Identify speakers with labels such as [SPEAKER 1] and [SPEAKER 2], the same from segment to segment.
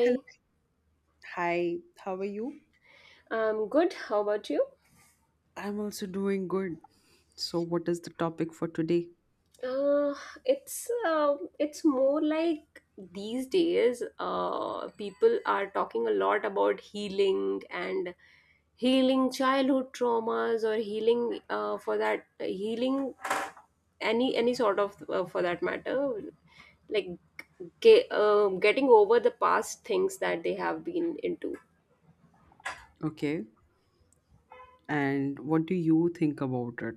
[SPEAKER 1] Hello. Hi, how are you?
[SPEAKER 2] I'm good. How about you?
[SPEAKER 1] I'm also doing good. So, what is the topic for today?
[SPEAKER 2] Uh, it's more like these days, people are talking a lot about healing and healing childhood traumas or healing for that healing any sort of for that matter, like getting over the past things that they have been into.
[SPEAKER 1] Okay. And what do you think about it?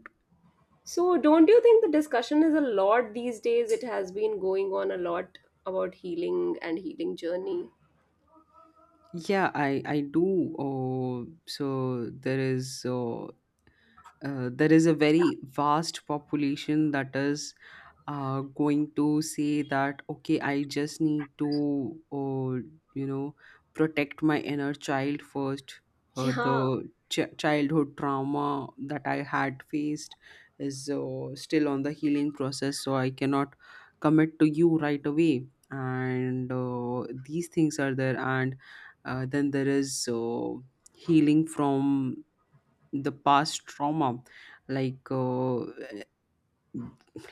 [SPEAKER 2] So, don't you think the discussion is a lot these days? It has been going on a lot about healing and healing journey.
[SPEAKER 1] Yeah, I do. So there is there is a very vast population that is going to say that okay, I just need to you know, protect my inner child first. Uh,
[SPEAKER 2] Yeah.
[SPEAKER 1] the childhood trauma that I had faced is still on the healing process, so I cannot commit to you right away, and these things are there. And then there is healing from the past trauma, like uh,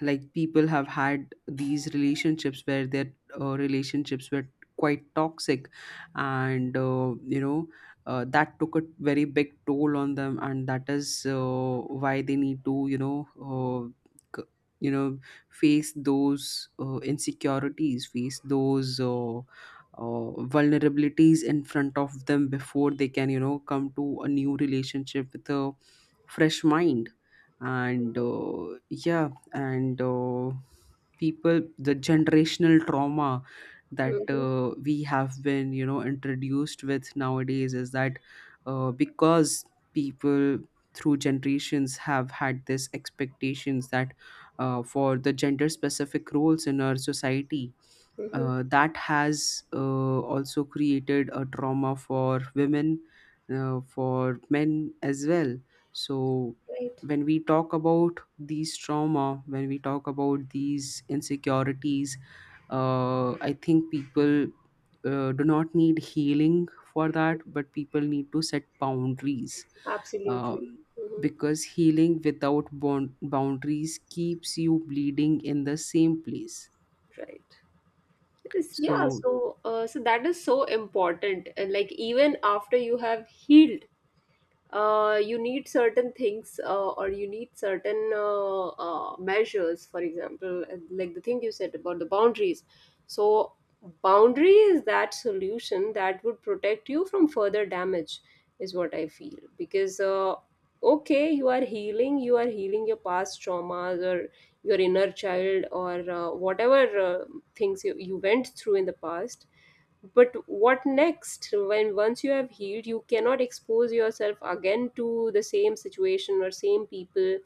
[SPEAKER 1] like people have had these relationships where their relationships were quite toxic, and you know, that took a very big toll on them, and that is why they need to, you know, c- you know face those insecurities, face those uh, vulnerabilities in front of them before they can, you know, come to a new relationship with a fresh mind. And yeah, and people, the generational trauma that
[SPEAKER 2] hmm
[SPEAKER 1] we have been, you know, introduced with nowadays is that, because people through generations have had this expectations that, for the gender specific roles in our society,
[SPEAKER 2] hmm
[SPEAKER 1] that has also created a trauma for women, for men as well. So
[SPEAKER 2] Right.
[SPEAKER 1] when we talk about these trauma, when we talk about these insecurities, I think people do not need healing for that, but people need to set boundaries,
[SPEAKER 2] Absolutely.
[SPEAKER 1] um,
[SPEAKER 2] hmm
[SPEAKER 1] because healing without boundaries keeps you bleeding in the same place,
[SPEAKER 2] Right. Yes, yeah.
[SPEAKER 1] so
[SPEAKER 2] So, so that is so important. And like even after you have healed, you need certain things or you need certain measures for example, and like the thing you said about the boundaries, so boundary is that solution that would protect you from further damage, is what I feel. Because okay, you are healing, you are healing your past traumas or your inner child or whatever things you went through in the past, but what next? When once you have healed you cannot expose yourself again to the same situation or same people,